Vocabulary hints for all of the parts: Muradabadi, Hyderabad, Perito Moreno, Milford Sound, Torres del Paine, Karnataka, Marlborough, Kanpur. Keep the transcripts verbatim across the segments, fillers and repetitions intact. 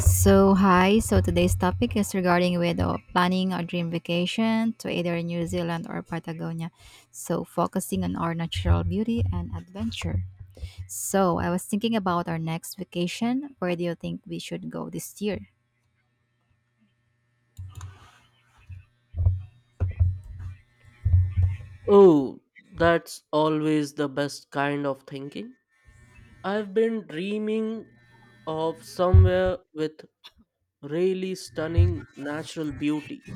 So hi, so today's topic is regarding with uh, planning a dream vacation to either New Zealand or Patagonia. So focusing on our natural beauty and adventure. So I was thinking about our next vacation. Where do you think we should go this year? Oh, that's always the best kind of thinking. I've been dreaming of somewhere with really stunning natural beauty.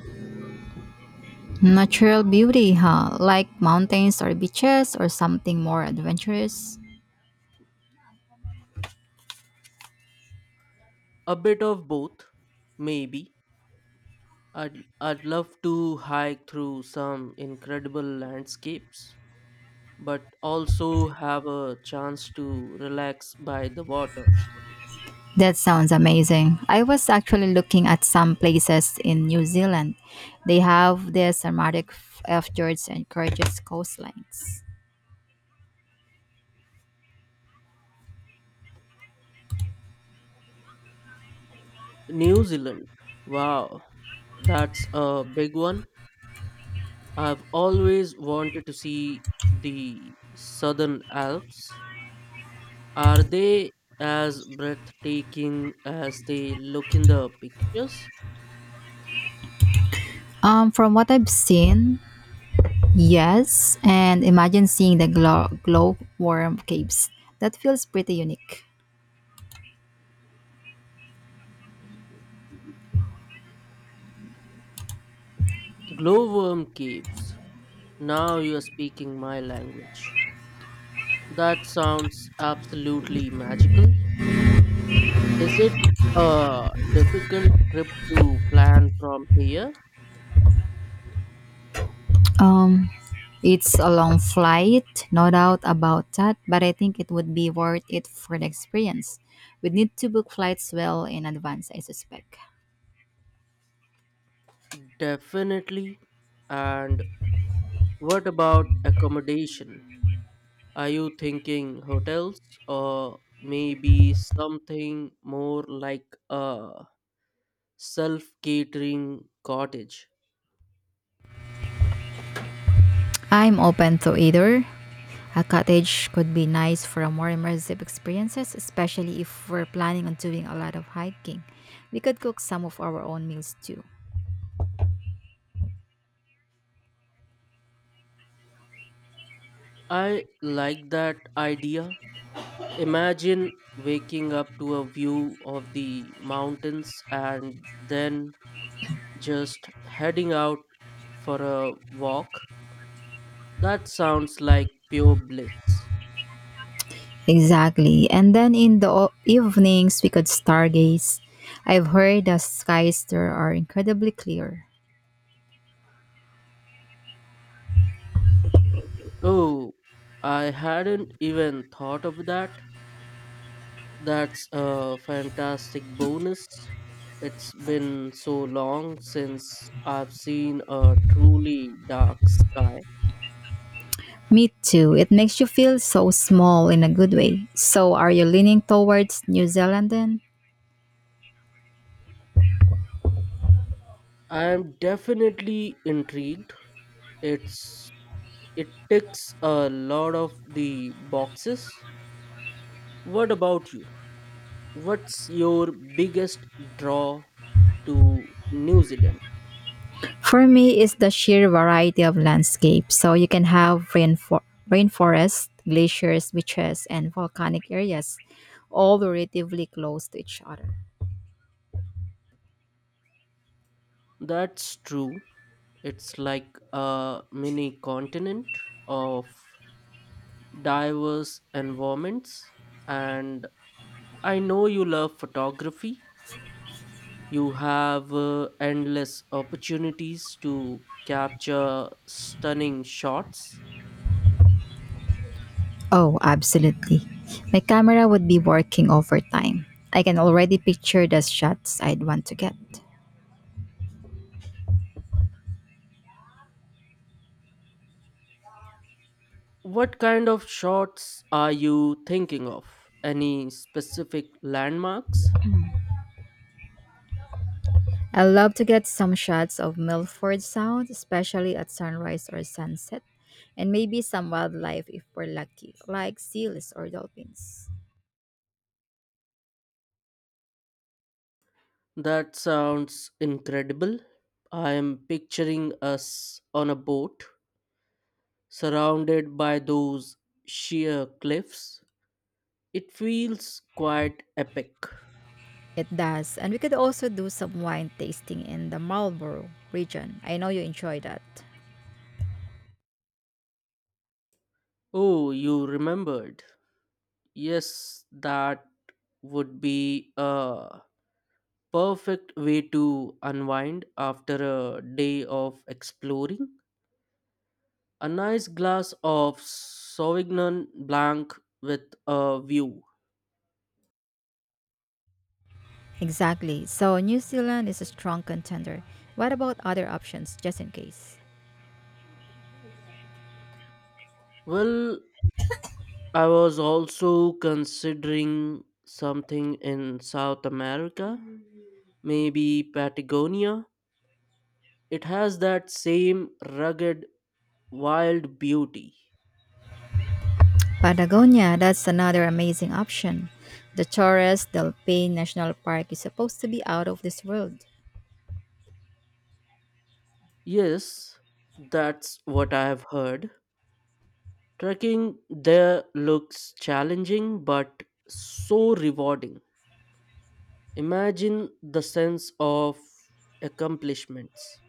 Natural beauty, huh? Like mountains or beaches or something more adventurous? A bit of both, maybe. I'd, I'd love to hike through some incredible landscapes, but also have a chance to relax by the water. That sounds amazing. I was actually looking at some places in New Zealand. They have this aromatic f- fjords and gorgeous coastlines. New Zealand, wow, that's a big one. I've always wanted to see the Southern Alps. Are they as breathtaking as they look in the pictures? Um, from what I've seen, yes, and imagine seeing the glow glowworm caves. That feels pretty unique. Glowworm caves. Now you are speaking my language. That sounds absolutely magical. Is it a difficult trip to plan from here? Um, it's a long flight, no doubt about that, but I think it would be worth it for the experience. We need to book flights well in advance, I suspect. Definitely. And what about accommodation? Are you thinking hotels or maybe something more like a self catering cottage? I'm open to either. A cottage could be nice for a more immersive experiences, especially if we're planning on doing a lot of hiking. We could cook some of our own meals too. I like that idea. Imagine waking up to a view of the mountains and then just heading out for a walk. That sounds like pure bliss. Exactly. And then in the o- evenings, we could stargaze. I've heard the skies there are incredibly clear. Oh, I hadn't even thought of that. That's a fantastic bonus. It's been so long since I've seen a truly dark sky. Me too. It makes you feel so small in a good way. So, are you leaning towards New Zealand then? I'm definitely intrigued. It's it ticks a lot of the boxes. What about you? What's your biggest draw to New Zealand? For me, it's the sheer variety of landscapes. So you can have rainfor- rainforests, glaciers, beaches, and volcanic areas, all relatively close to each other. That's true. It's like a mini continent of diverse environments, and I know you love photography. You have uh, endless opportunities to capture stunning shots. Oh, absolutely. My camera would be working overtime. I can already picture the shots I'd want to get. What kind of shots are you thinking of? Any specific landmarks? I love to get some shots of Milford Sound, especially at sunrise or sunset, and maybe some wildlife if we're lucky, like seals or dolphins. That sounds incredible. I am picturing us on a boat surrounded by those sheer cliffs. It feels quite epic. It does. And we could also do some wine tasting in the Marlborough region. I know you enjoy that. Oh, you remembered. Yes, that would be a perfect way to unwind after a day of exploring. A nice glass of Sauvignon Blanc with a view. Exactly. So New Zealand is a strong contender. What about other options, just in case? Well, I was also considering something in South America, maybe Patagonia. It has that same rugged, wild beauty. Patagonia, that's another amazing option. The Torres del Paine National Park is supposed to be out of this world. Yes, that's what I have heard. Trekking there looks challenging but so rewarding. Imagine the sense of accomplishments.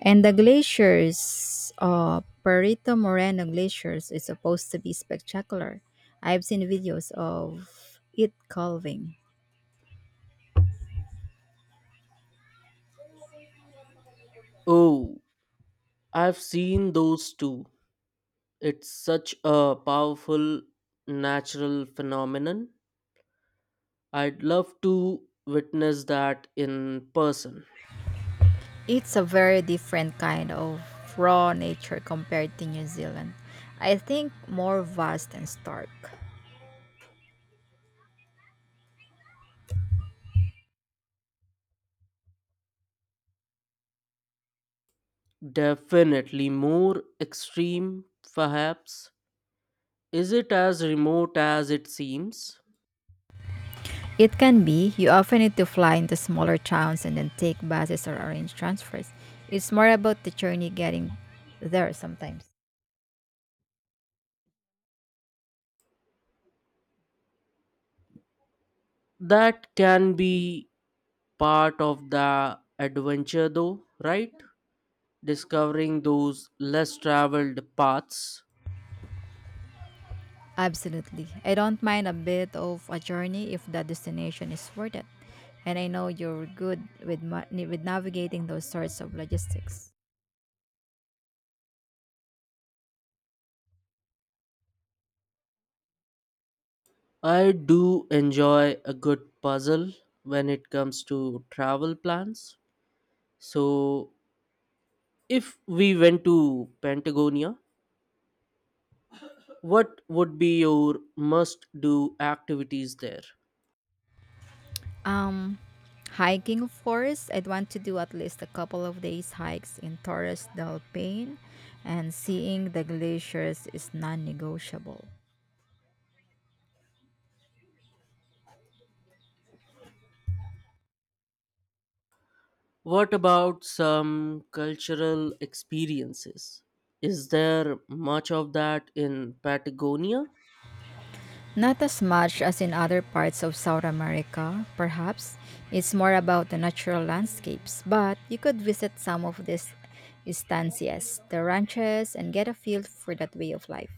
And the glaciers, uh, Perito Moreno Glaciers, is supposed to be spectacular. I've seen videos of it calving. Oh, I've seen those too. It's such a powerful natural phenomenon. I'd love to witness that in person. It's a very different kind of raw nature compared to New Zealand. I think more vast and stark. Definitely more extreme, perhaps. Is it as remote as it seems? It can be. You often need to fly into smaller towns and then take buses or arrange transfers. It's more about the journey getting there sometimes. That can be part of the adventure, though, right? Discovering those less traveled paths. Absolutely. I don't mind a bit of a journey if the destination is worth it. And I know you're good with ma- with navigating those sorts of logistics. I do enjoy a good puzzle when it comes to travel plans. So, if we went to Patagonia, what would be your must do activities there? Um, Hiking, of course. I'd want to do at least a couple of days hikes in Torres del Paine, and seeing the glaciers is non-negotiable. What about some cultural experiences? Is there much of that in Patagonia? Not as much as in other parts of South America, perhaps. It's more about the natural landscapes, but you could visit some of these estancias, the ranches, and get a feel for that way of life.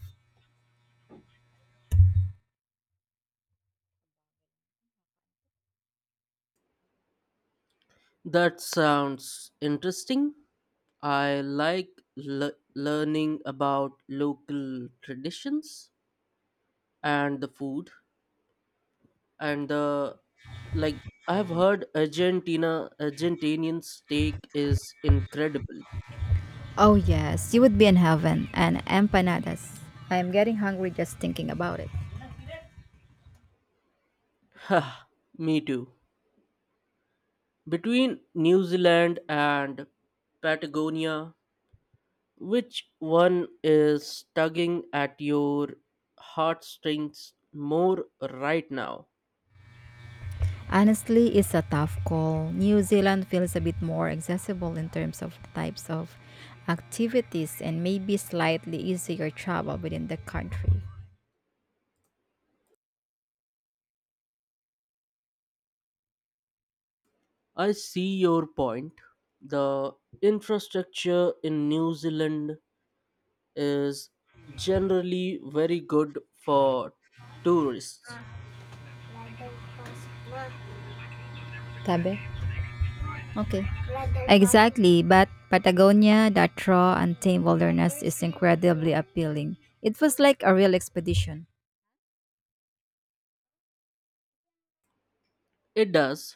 That sounds interesting. I like le- learning about local traditions and the food and the, like, I have heard Argentina Argentinian steak is incredible. Oh, yes, you would be in heaven and empanadas. I am getting hungry just thinking about it. Ha, me too. Between New Zealand and Patagonia, which one is tugging at your heartstrings more right now? Honestly, it's a tough call. New Zealand feels a bit more accessible in terms of types of activities and maybe slightly easier travel within the country. I see your point. The infrastructure in New Zealand is generally very good for tourists. Tabe? Okay. Exactly, but Patagonia, that raw, untamed wilderness is incredibly appealing. It was like a real expedition. It does.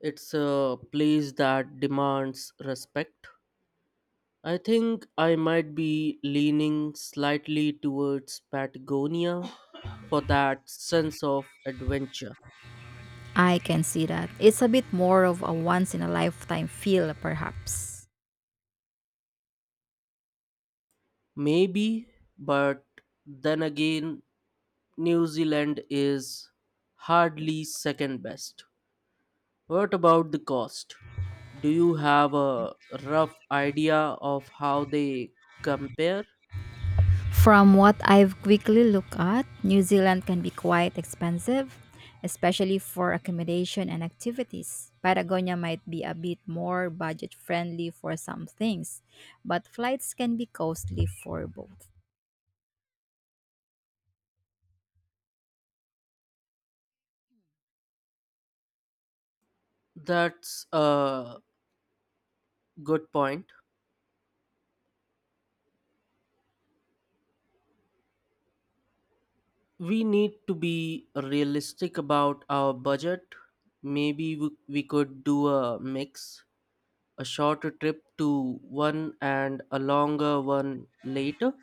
It's a place that demands respect. I think I might be leaning slightly towards Patagonia for that sense of adventure. I can see that. It's a bit more of a once in a lifetime feel, perhaps. Maybe, but then again, New Zealand is hardly second best. What about the cost? Do you have a rough idea of how they compare? From what I've quickly looked at, New Zealand can be quite expensive, especially for accommodation and activities. Patagonia might be a bit more budget friendly for some things, but flights can be costly for both. That's a good point. We need to be realistic about our budget. Maybe we, we could do a mix, a shorter trip to one and a longer one later.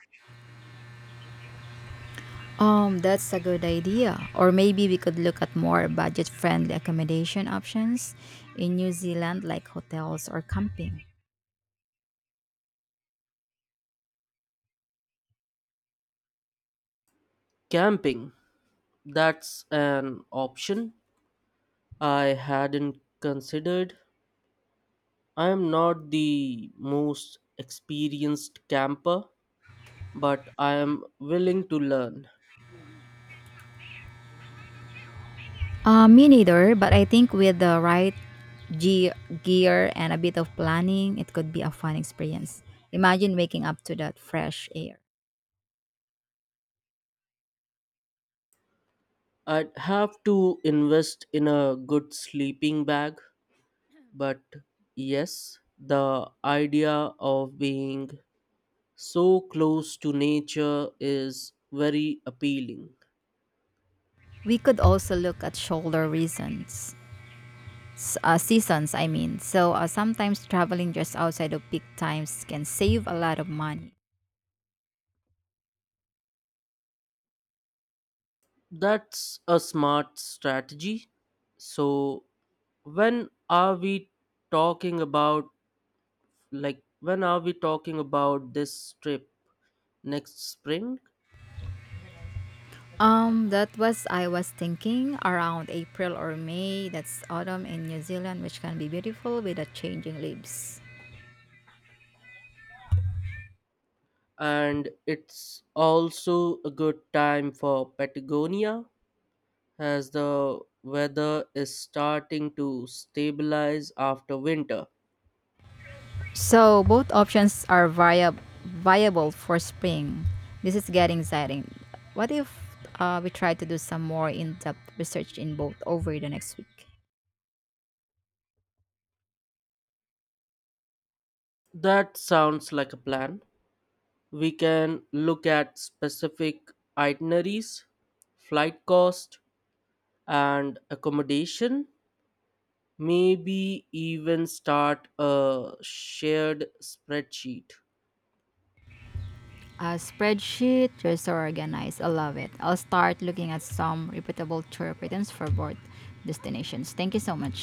Um, that's a good idea. Or maybe we could look at more budget friendly accommodation options in New Zealand like hotels or camping. Camping, that's an option I hadn't considered. I am not the most experienced camper, but I am willing to learn. Uh, me neither, but I think with the right ge- gear and a bit of planning, it could be a fun experience. Imagine waking up to that fresh air. I'd have to invest in a good sleeping bag, but yes, the idea of being so close to nature is very appealing. We could also look at shoulder reasons, s- uh, seasons, I mean. So uh, sometimes traveling just outside of peak times can save a lot of money. That's a smart strategy. So, when are we talking about like when are we talking about this trip? Next spring? Um, that was I was thinking around April or May. That's autumn in New Zealand, which can be beautiful with the changing leaves. And it's also a good time for Patagonia, as the weather is starting to stabilize after winter. So both options are viab- viable for spring. This is getting exciting. What if uh, we try to do some more in-depth research in both over the next week? That sounds like a plan. We can look at specific itineraries, flight cost, and accommodation. Maybe even start a shared spreadsheet. A spreadsheet, you're so organized. I love it. I'll start looking at some reputable tour patterns for both destinations. Thank you so much.